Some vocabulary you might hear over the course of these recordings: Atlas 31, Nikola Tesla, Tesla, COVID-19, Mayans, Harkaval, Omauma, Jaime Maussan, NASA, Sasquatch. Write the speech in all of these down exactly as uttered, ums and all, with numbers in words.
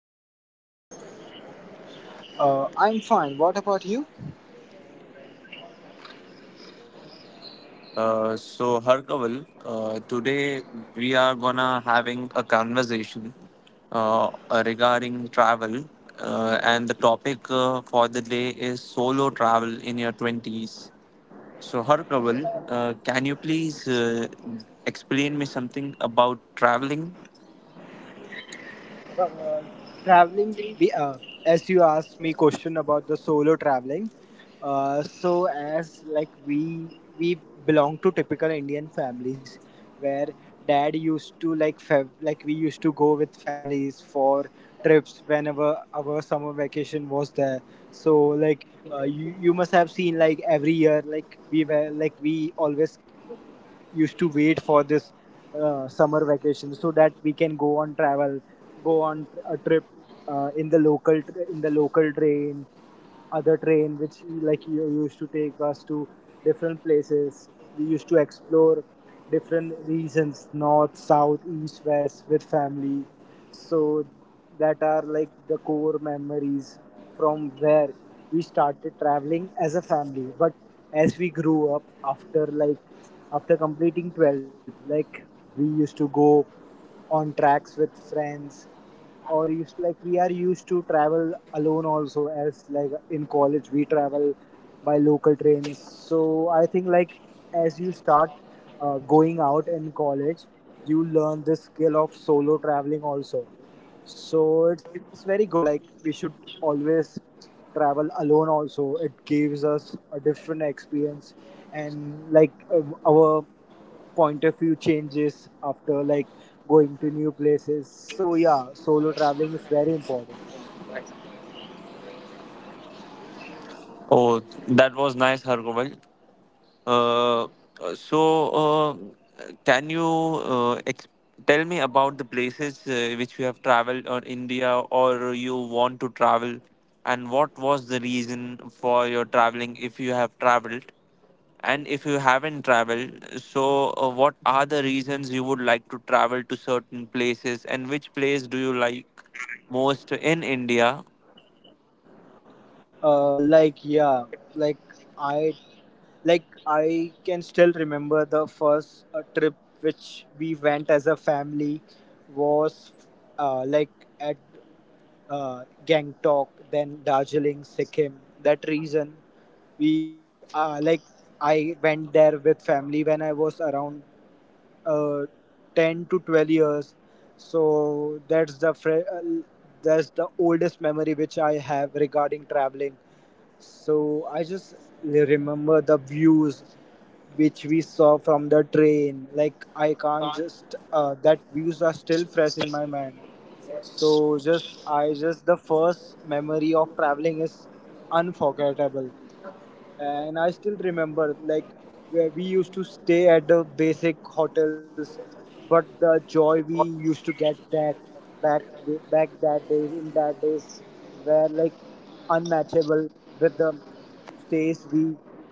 How are you? Uh, I'm fine. What about you? Uh, so Harkaval, uh, today we are gonna having a conversation uh, regarding travel, uh, and the topic uh, for the day is solo travel in your twenties. So Harkaval, uh, can you please uh, explain me something about traveling? uh, traveling we- uh, as you asked me question about the solo traveling, uh, so as like we we belong to typical indian families where dad used to like fa- like we used to go with families for trips whenever our summer vacation was there. So like uh, you you must have seen like every year, like we were like we always used to wait for this uh, summer vacation so that we can go on travel, go on tr- a trip uh, in the local tr- in the local train, other train which like you used to take us to different places. We used to explore different regions, north south east west, with family. So that are like the core memories from where we started traveling as a family. But as we grew up after like after completing twelfth, like we used to go on tracks with friends, or used to, like we are used to travel alone also, as like in college we travel by local trains. So I think like as you start uh, going out in college, you learn this skill of solo traveling also. So it's very good, like we should always travel alone also. It gives us a different experience and like um, our point of view changes after like going to new places. So yeah, solo traveling is very important. Oh, that was nice, Harkaval. Uh, uh, so, uh, can you uh, ex- tell me about the places uh, which you have traveled or India or you want to travel, and what was the reason for your traveling if you have traveled? And if you haven't traveled, so uh, what are the reasons you would like to travel to certain places, and which place do you like most in India? Uh like yeah, like i like I can still remember the first uh, trip which we went as a family, was uh, like at uh, Gangtok, then Darjeeling, Sikkim. That reason, we uh, like I went there with family when I was around uh, ten to twelve years. So that's the fre- uh, that's the oldest memory which I have regarding traveling. So I just li- remember the views which we saw from the train. Like I can't just uh, that views are still fresh in my mind. So just I just the first memory of traveling is unforgettable. And I still remember like where we used to stay at the basic hotels, but the joy we used to get that back back that days, in that days, were like unmatchable with the stays we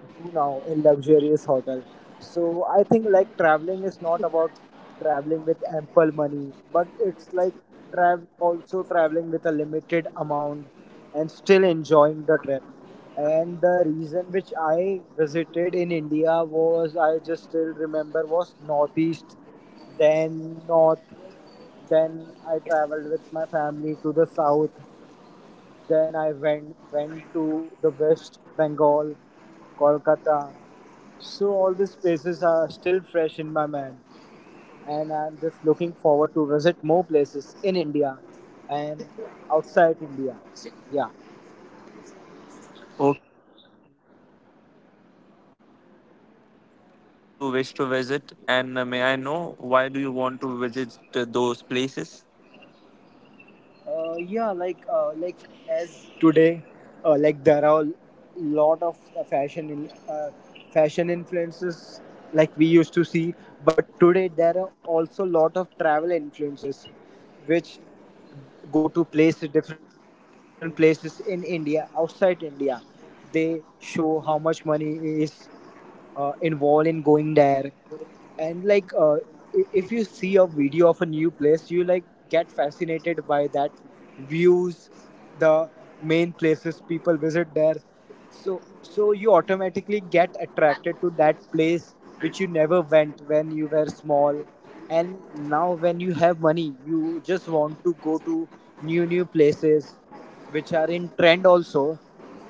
do now in luxurious hotel. So I think like traveling is not about traveling with ample money, but it's like travel also traveling with a limited amount and still enjoying the trip. And the reason which I visited in India was, I just still remember, was northeast, then north, then I traveled with my family to the south, then I went went to the West Bengal, Kolkata. So all these places are still fresh in my mind, and I'm just looking forward to visit more places in India and outside India. Yeah. Okay, so uh, are there any, any places in India which you wish to visit? And uh, may I know why do you want to visit uh, those places? Uh, yeah, like uh, like as today, uh, like there are a lot of uh, fashion in uh, fashion influences, like we used to see. But today there are also a lot of travel influences which go to places different places in India, outside India. They show how much money is uh, involved in going there. And like uh, i- if you see a video of a new place, you like get fascinated by that views, the main places people visit there. So so you automatically get attracted to that place which you never went when you were small. And now when you have money, you just want to go to new new places which are in trend also.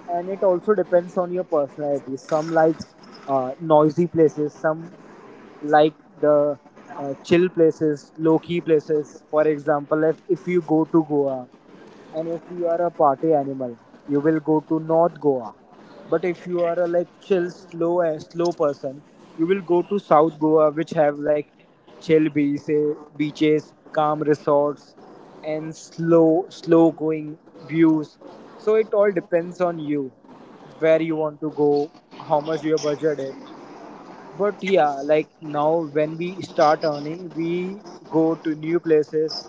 And it also depends on your personality. Some likes uh, noisy places, some like the uh, chill places, low key places. For example, if, if you go to Goa and if you are a party animal, you will go to North Goa. But if you are a like chill, slow, eh, slow person, you will go to South Goa, which have like chill beaches, beaches, calm resorts, and slow, slow going views. So it all depends on you, where you want to go, how much your budget is. But yeah, like now when we start earning, we go to new places.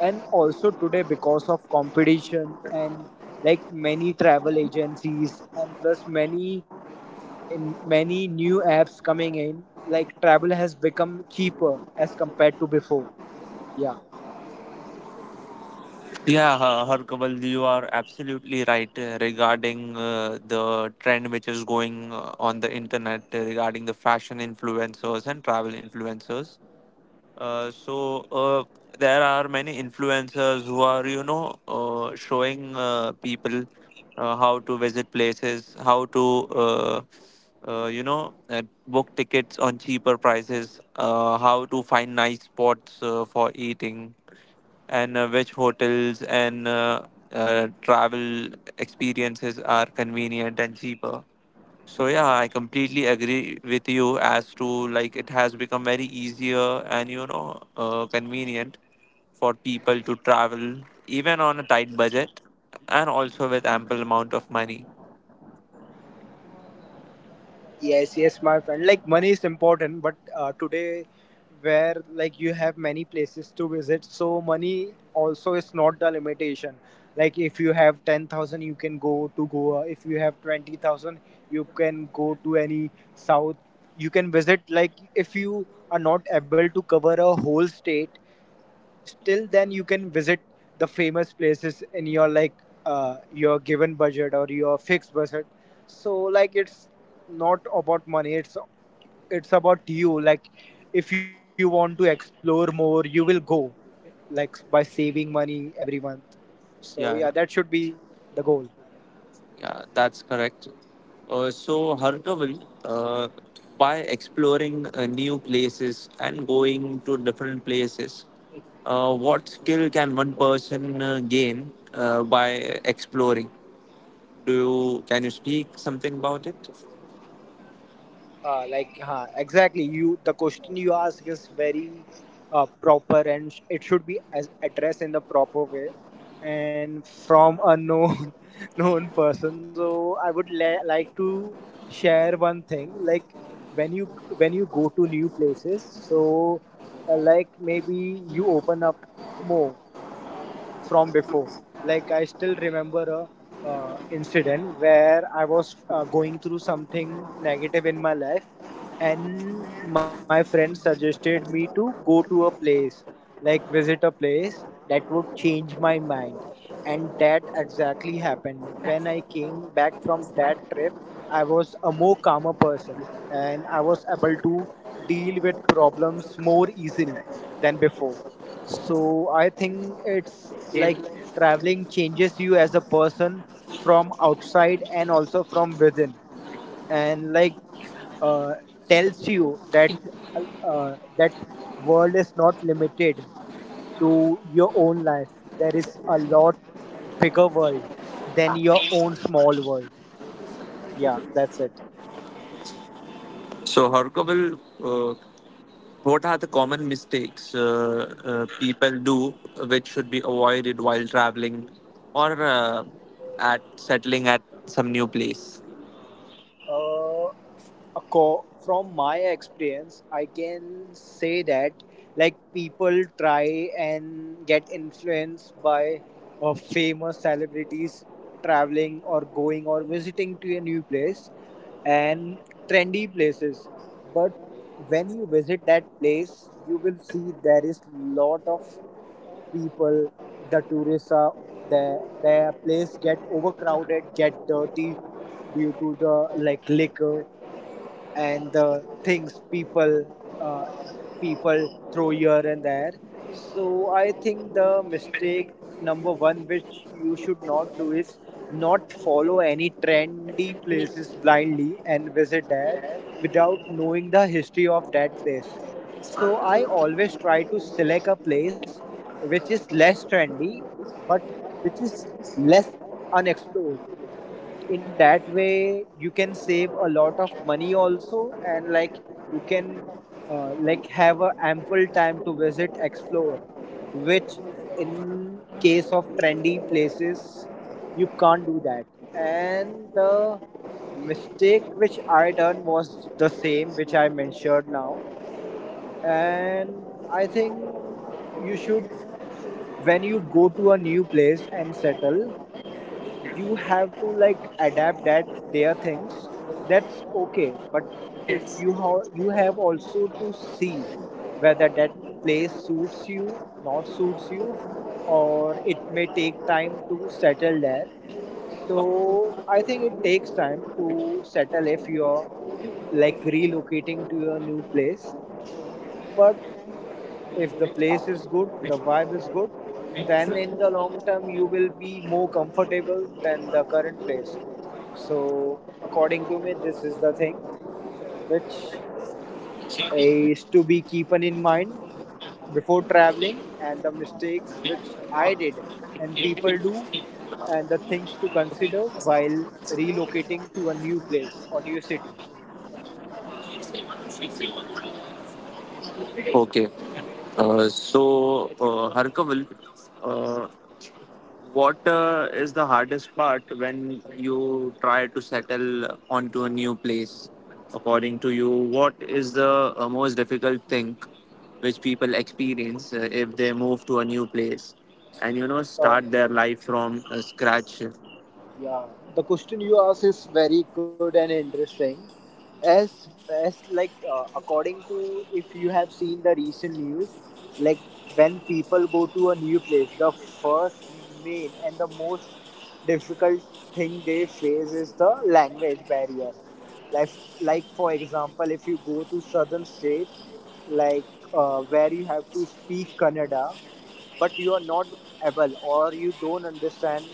And also today, because of competition and like many travel agencies, and plus many in many new apps coming in, like travel has become cheaper as compared to before. Yeah. Yeah, uh, Harkaval, you are absolutely right uh, regarding uh, the trend which is going uh, on the internet uh, regarding the fashion influencers and travel influencers. Uh, so uh, there are many influencers who are you know uh, showing uh, people uh, how to visit places how to uh, uh, you know uh, book tickets on cheaper prices uh, how to find nice spots uh, for eating and uh, which hotels and uh, uh, travel experiences are convenient and cheaper, so yeah, I completely agree with you as to like it has become very easier and you know uh, convenient for people to travel even on a tight budget and also with ample amount of money. Yes, yes, my friend. Like money is important, but uh, today, where like you have many places to visit, so money also is not the limitation. Like if you have ten thousand, you can go to Goa. If you have twenty thousand, you can go to any south. You can visit. Like if you are not able to cover a whole state, still, then, you can visit the famous places in your like uh, your given budget or your fixed budget. So like it's not about money. It's it's about you. Like if you want to explore more, you will go like by saving money every month. So Yeah, yeah, that should be the goal. yeah, that's correct. Uh, so Harkaval, uh, by exploring uh, new places and going to different places, uh, what skill can one person uh, gain uh, by exploring? Do you can you speak something about it? uh, like huh, exactly, you the question you ask is very uh, proper and sh- it should be as addressed in the proper way and from a known known person. So I would la- like to share one thing. Like when you when you go to new places, so uh, like maybe you open up more from before. Like I still remember a uh, incident where I was uh, going through something negative in my life, and my friend suggested me to go to a place, like visit a place that would change my mind, and that exactly happened. When I came back from that trip, I was a more calmer person, and I was able to deal with problems more easily than before. So I think it's like traveling changes you as a person from outside and also from within, and like uh, tells you that uh, that world is not limited to your own life. There is a lot bigger world than your own small world. Yeah, that's it. So Harkovil, uh, what are the common mistakes uh, uh, people do which should be avoided while traveling or uh, at settling at some new place? Uh, Acco- from my experience I can say that like people try and get influenced by uh, famous celebrities traveling or going or visiting to a new place and trendy places. But when you visit that place, you will see there is lot of people, the tourists are their their place get overcrowded, get dirty due to the like liquor and the things people uh, people throw here and there. So I think the mistake number one, which you should not do, is not follow any trendy places blindly and visit there without knowing the history of that place. So I always try to select a place which is less trendy, but which is less unexplored. In that way you can save a lot of money also, and like you can uh, like have a ample time to visit, explore, which in case of trendy places you can't do that. And the mistake which I done was the same which I mentioned now. And I think you should, when you go to a new place and settle, you have to like adapt that their things. That's okay. But if you ha- you have also to see whether that place suits you, not suits you, or it may take time to settle there. So I think it takes time to settle if you're like relocating to your new place. But if the place is good, the vibe is good, then in the long term you will be more comfortable than the current place. So according to me, this is the thing which is to be keeping in mind before traveling, and the mistakes which I did and people do, and the things to consider while relocating to a new place or new city. Okay. Uh, so, uh, Harkaval, what uh, is the hardest part when you try to settle onto a new place? According to you, what is the uh, most difficult thing which people experience uh, if they move to a new place and you know Uh, start their life from uh, scratch? Yeah, the question you ask is very good and interesting. As as like uh, according to if you have seen the recent news, like when people go to a new place, the first main and the most difficult thing they face is the language barrier. Like like for example, if you go to southern state, like uh, where you have to speak Kannada, but you are not able, or you don't understand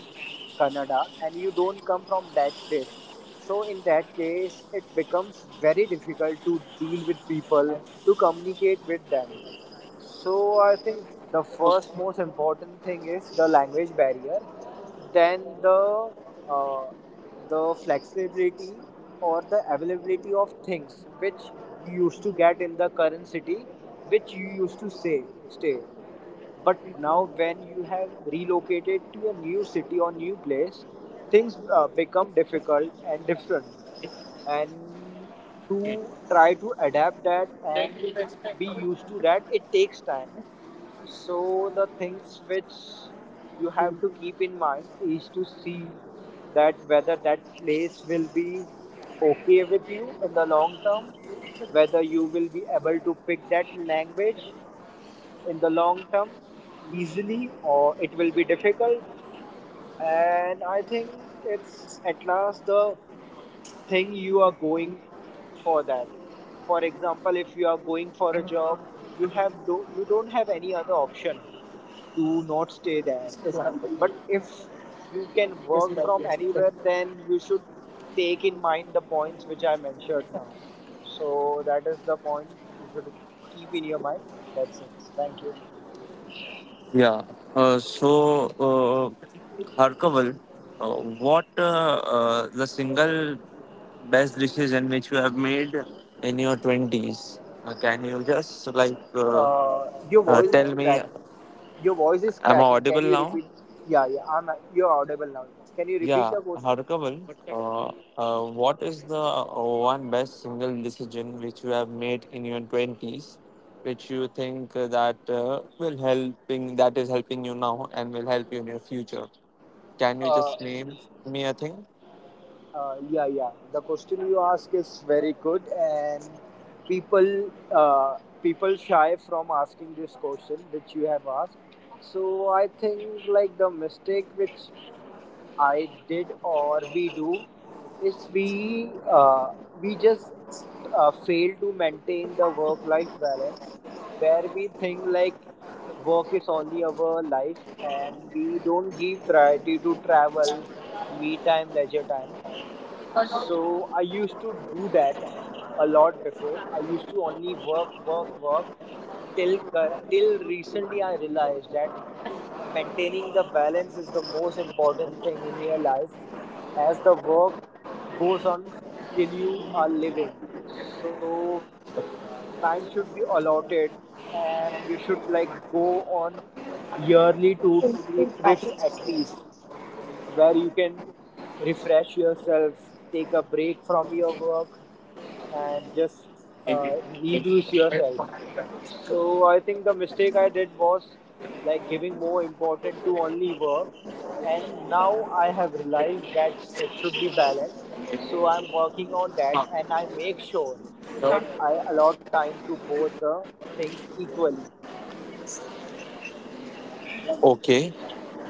Kannada and you don't come from that place. So, in that case, it becomes very difficult to deal with people, to communicate with them. So, I think the first most important thing is the language barrier, then the uh, the flexibility or the availability of things which you used to get in the current city which you used to say stay, but now when you have relocated to a new city or new place, things uh, become difficult and different, and to try to adapt that and be used to that it takes time. So the things which you have to keep in mind is to see that whether that place will be okay with you in the long term, whether you will be able to pick that language in the long term easily, or it will be difficult. And I think it's at last the thing you are going for. That, for example, if you are going for a job, you have do, you don't have any other option to not stay there. But if you can work from anywhere, then you should take in mind the points which I mentioned now. So that is the point you should keep in your mind. That's it. Thank you. Yeah. Uh, so, uh, Harkaval, uh, what uh, uh, the single best dishes in which you have made in your twenties? Uh, can you just like uh, Uh, your uh, voice is tell me, crack. Your voice is am I cracking. audible Can you now? repeat? Yeah, yeah. I'm. You're audible now. Can you repeat Yeah, the question? Harkaval, uh, uh, what is the uh, one best single decision which you have made in your twenties, which you think that uh, will helping that is helping you now and will help you in your future? Can you Uh, just name me a thing? uh, yeah, yeah. The question you ask is very good, and people, uh, people shy from asking this question which you have asked. So I think like the mistake which I did, or we do, is we uh, we just uh, fail to maintain the work life balance, where we think like work is only our life, and we don't give priority to travel, me time, leisure time. So I used to do that a lot before. I used to only work, work, work till uh, till recently I realized that maintaining the balance is the most important thing in your life, as the work goes on till you are living. So time should be allotted, and you should like go on yearly two three trips at least, where you can refresh yourself, take a break from your work, and just uh, reboost yourself. So I think the mistake I did was like giving more importance to only work, and now I have realized that it should be balanced. So I'm working on that, Sure. and I make sure that I allot time to both the things equally. Okay.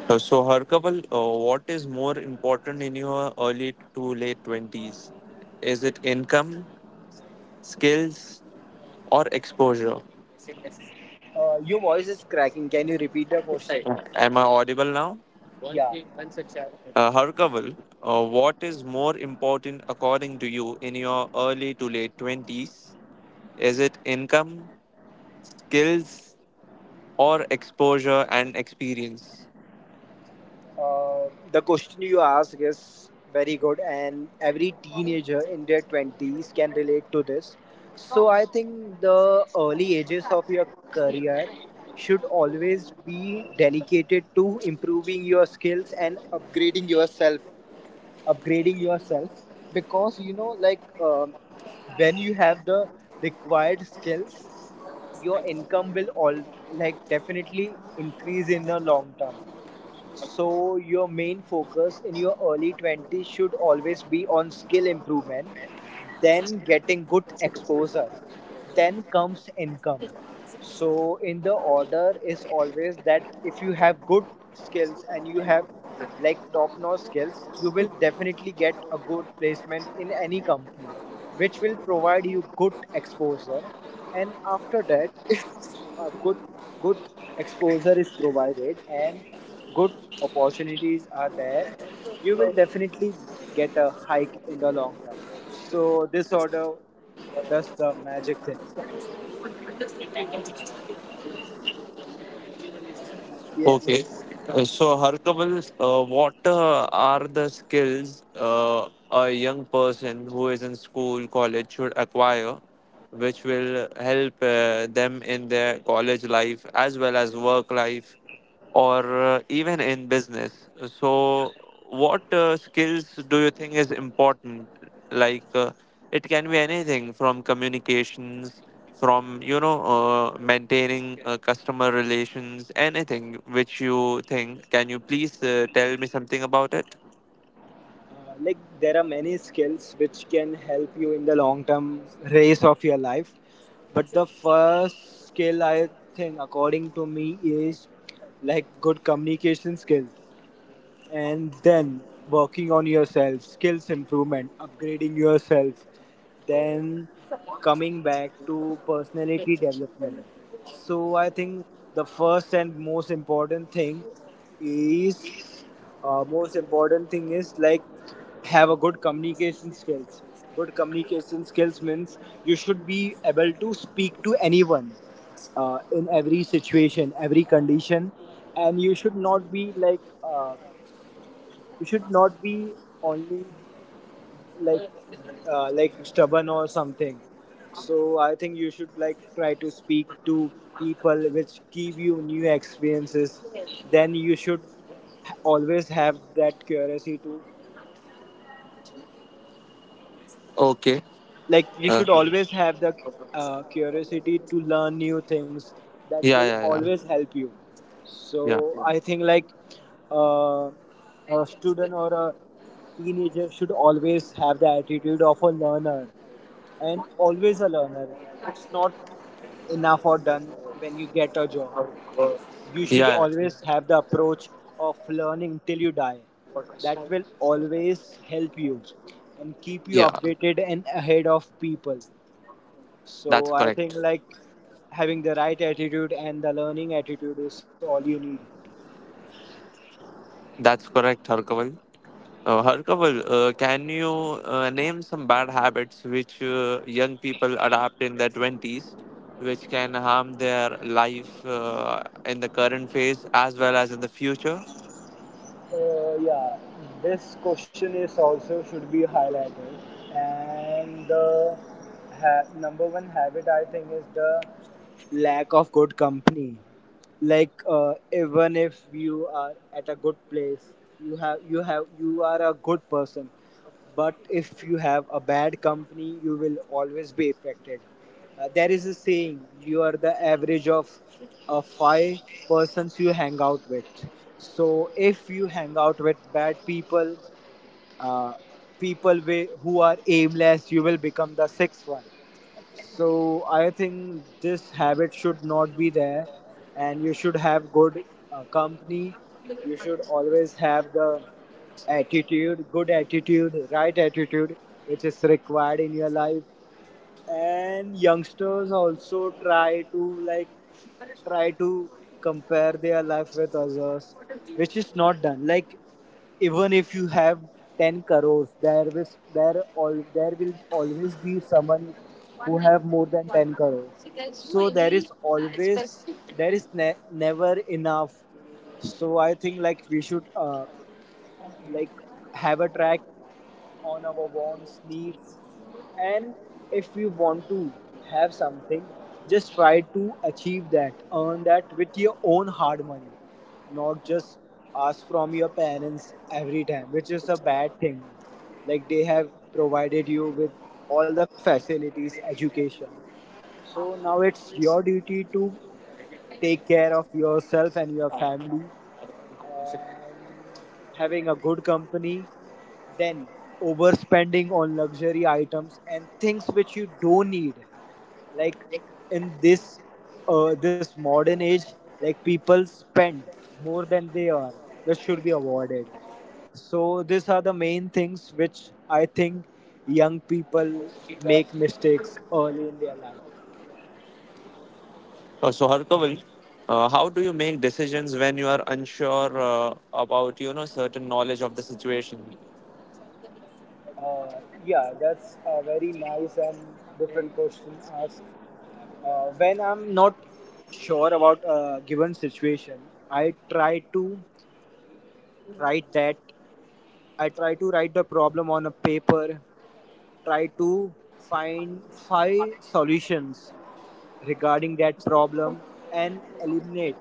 Uh, so, Harkaval, uh, what is more important in your early to late twenties? Is it income, skills, or exposure? Uh, your voice is cracking. Can you repeat the question? Am I audible now? Yeah. Uh, Harkaval, uh, what is more important according to you in your early to late twenties? Is it income, skills, or exposure and experience? Uh, the question you ask is very good, and every teenager in their twenties can relate to this. So, I think the early ages of your career should always be dedicated to improving your skills and upgrading yourself. Upgrading yourself because you know, like um when you have the required skills, your income will all like definitely increase in the long term. So, your main focus in your early twenties should always be on skill improvement, then getting good exposure, then comes income. So, in the order is always that if you have good skills and you have like top notch skills, you will definitely get a good placement in any company which will provide you good exposure, and after that if a good good exposure is provided and good opportunities are there, you will definitely get a hike in the long term. So this order does the magic thing. Yes. Okay. Uh, So, Harkaval, uh, what uh, are the skills uh, a young person who is in school, college should acquire, which will help uh, them in their college life as well as work life or uh, even in business? So, what uh, skills do you think is important like uh, it can be anything from communications from you know uh, maintaining uh, customer relations anything which you think can you please uh, tell me something about it. Uh, like there are many skills which can help you in the long term race of your life, but the first skill I think according to me is like good communication skills, and then working on yourself, skills improvement, upgrading yourself, then coming back to personality development. So I think the first and most important thing is uh, most important thing is like have a good communication skills. Good communication skills means you should be able to speak to anyone uh, in every situation, every condition, and you should not be like. Uh, You should not be only like uh, like stubborn or something. So I think you should like try to speak to people which give you new experiences. Then you should always have that curiosity to Okay. like you uh, should always have the uh, curiosity to learn new things. That yeah, will yeah, yeah. always help you. So Yeah, I think like uh, a student or a teenager should always have the attitude of a learner, and always a learner. It's not enough or done when you get a job. yeah, You should yeah. always have the approach of learning till you die. That will always help you Yeah, and keep you updated and ahead of people. that's correct. So I think like having the right attitude and the learning attitude is all you need. That's correct, Harkaval. Uh, Harkaval, uh, can you uh, name some bad habits which uh, young people adapt in their twenties, which can harm their life uh, in the current phase as well as in the future? Uh, yeah, this question is also should be highlighted. And the ha- number one habit I think is the lack of good company. Like uh, even if you are at a good place, you have you have you are a good person, but if you have a bad company, you will always be affected. Uh, there is a saying, you are the average of uh, five persons you hang out with. So if you hang out with bad people, uh, people wi- who are aimless, you will become the sixth one. So I think this habit should not be there, and you should have good uh, company. You should always have the attitude, good attitude, right attitude, which is required in your life. And youngsters also try to like try to compare their life with others, which is not done. Like even if you have ten crores, there is there all there will always be someone who have more than ten crores. So there is always there is ne- never enough. So I think like we should uh, like have a track on our wants needs. And if you want to have something, just try to achieve that, earn that with your own hard money, not just ask from your parents every time, which is a bad thing. Like they have provided you with all the facilities education, so now it's your duty to take care of yourself and your family, and having a good company, then overspending on luxury items and things which you don't need. Like in this uh, this modern age, like people spend more than they earn, which should be avoided. So these are the main things which I think young people make mistakes early in their life. Uh, so, Harkaval, uh, how do you make decisions when you are unsure uh, about you know certain knowledge of the situation? Uh, yeah, that's a very nice and different question asked. Uh, when I'm not sure about a given situation, I try to write that. I try to write the problem on a paper, try to find five solutions regarding that problem and eliminate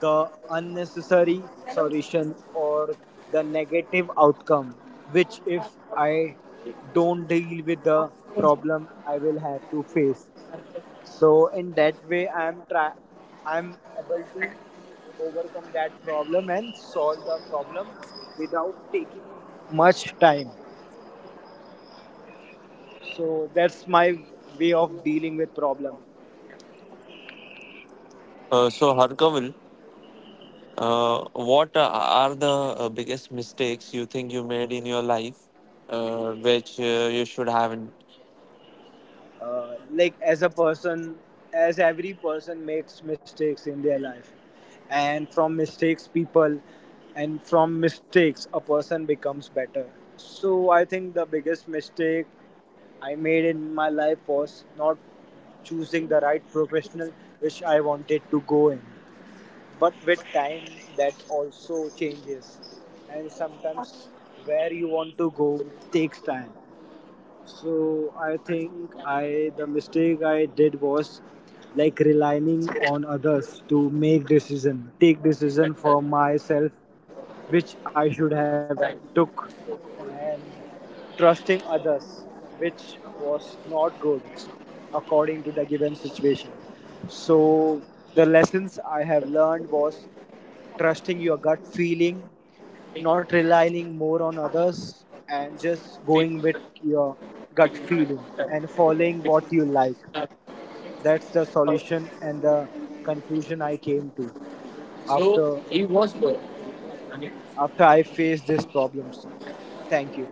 the unnecessary solution or the negative outcome which if I don't deal with the problem I will have to face. So in that way I am try I'm able to overcome that problem and solve the problem without taking much time. So that's my way of dealing with problem. Uh, so, Harkaval, uh, what are the uh, biggest mistakes you think you made in your life, uh, which uh, you should have in. Uh, like as a person, as every person makes mistakes in their life, and from mistakes people and from mistakes a person becomes better. So I think the biggest mistake I made in my life was not choosing the right professional which I wanted to go in. But with time, that also changes, and sometimes where you want to go takes time. So I think I the mistake I did was like relying on others to make decision, take decision for myself, which I should have took, and trusting others, which was not good according to the given situation. So the lessons I have learned was trusting your gut feeling, not relying more on others, and just going with your gut feeling and following what you like. That's the solution and the conclusion I came to after after I faced these problems. Thank you.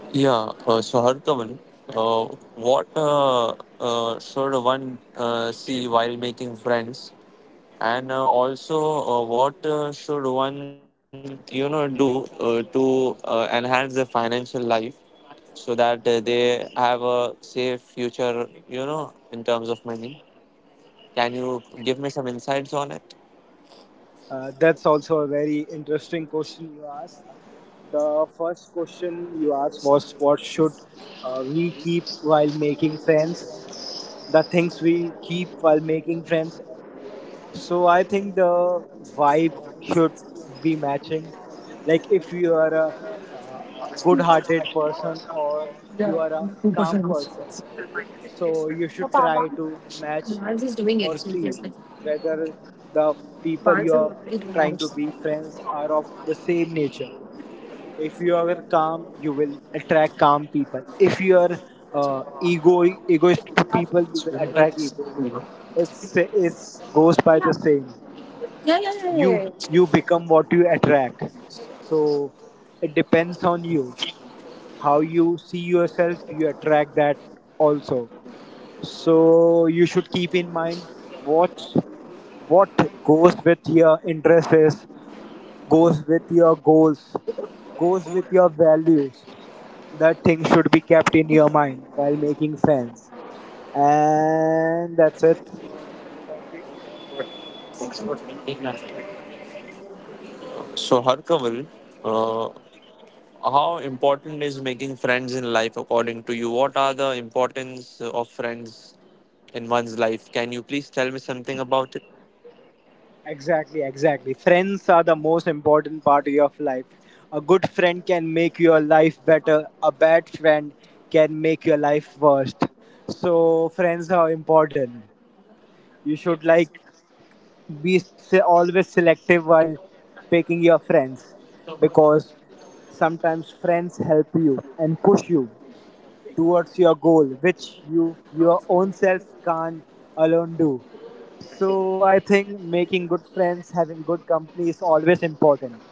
Yeah, uh, so Harkavan, uh, what uh, uh, should one uh, see while making friends? And uh, also, uh, what uh, should one, you know, do uh, to uh, enhance their financial life so that uh, they have a safe future, you know, in terms of money? Can you give me some insights on it? Uh, that's also a very interesting question you asked. The first question you asked was what should uh, we keep while making friends? The things we keep while making friends. So I think the vibe should be matching. Like if you are a uh, good-hearted person, or you are a calm person, so you should try to match or see whether the people you are trying to be friends are of the same nature. If you are calm, you will attract calm people. If you are uh, ego egoist to people, you will attract egoists. It's it's goes by the same. You you become what you attract. So it depends on you how you see yourself. You attract that also. So you should keep in mind what what goes with your interests, goes with your goals, goes with your values. That thing should be kept in your mind while making fans. And that's it. Thank you. So, Harkaval, uh, how important is making friends in life according to you? What are the importance of friends in one's life? Can you please tell me something about it? Exactly, exactly. Friends are the most important part of your life. A good friend can make your life better, a bad friend can make your life worse. So, friends are important. You should like be se- always selective while picking your friends, because sometimes friends help you and push you towards your goal, which you your own self can't alone do. So I think making good friends, having good company is always important.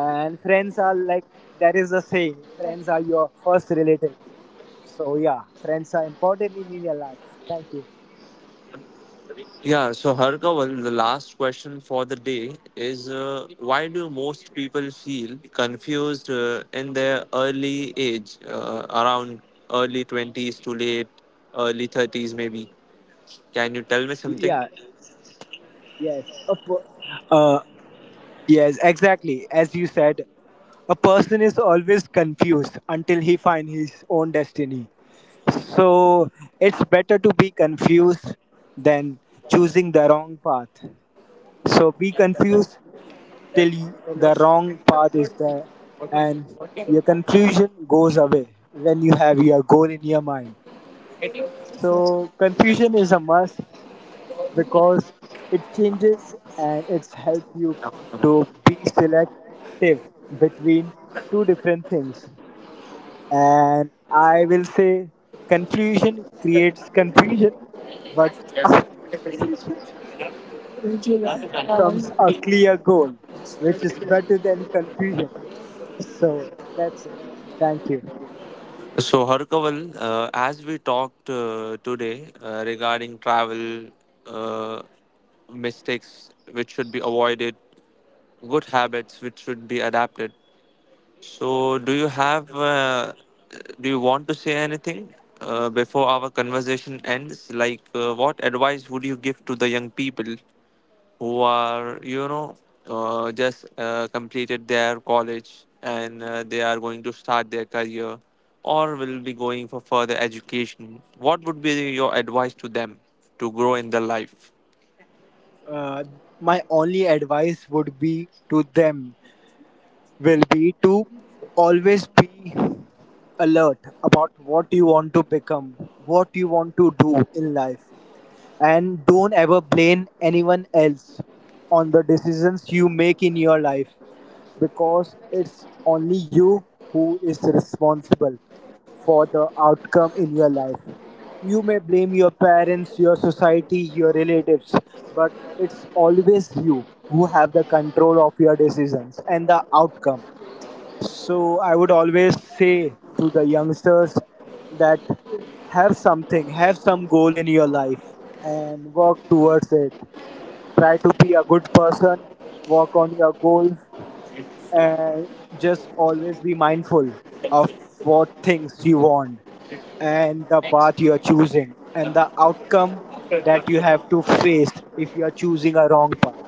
And friends are like that is the saying, friends are your first relatives. So yeah, friends are important in your life. Thank you. Yeah, so Harkaval, the last question for the day is uh, why do most people feel confused uh, in their early age, uh, around early twenties to late early thirties maybe? Can you tell me something? Yeah. Yes. Of course. Uh, Yes, exactly. As you said, a person is always confused until he finds his own destiny. So it's better to be confused than choosing the wrong path. So be confused till the wrong path is there, and your confusion goes away when you have your goal in your mind. So confusion is a must, because it changes and it's help you to be selective between two different things. And I will say confusion creates confusion, but after confusion comes a clear goal, which is better than confusion. So that's it. Thank you. So, Harkaval, uh, as we talked uh, today uh, regarding travel, uh, mistakes which should be avoided, good habits which should be adapted. So, do you have, uh, do you want to say anything uh, before our conversation ends? Like, uh, what advice would you give to the young people who are you know uh, just uh, completed their college and uh, they are going to start their career or will be going for further education? What would be your advice to them to grow in their life? uh, my only advice would be to them will be to always be alert about what you want to become, what you want to do in life, and don't ever blame anyone else on the decisions you make in your life, because it's only you who is responsible for the outcome in your life. You may blame your parents, your society, your relatives, but it's always you who have the control of your decisions and the outcome. So I would always say to the youngsters that have something, have some goal in your life and work towards it. Try to be a good person, work on your goals, and just always be mindful of what things you want and the path you are choosing, and the outcome that you have to face if you are choosing a wrong path.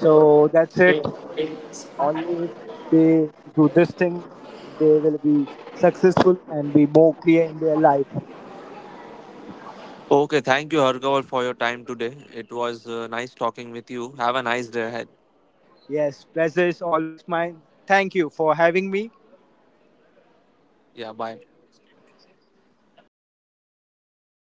So that's it. Only if they do this thing, they will be successful and be more clear in their life. Okay, thank you Harkaval for your time today. It was uh, nice talking with you. Have a nice day ahead. Yes, pleasure is always mine. Thank you for having me. Yeah, bye.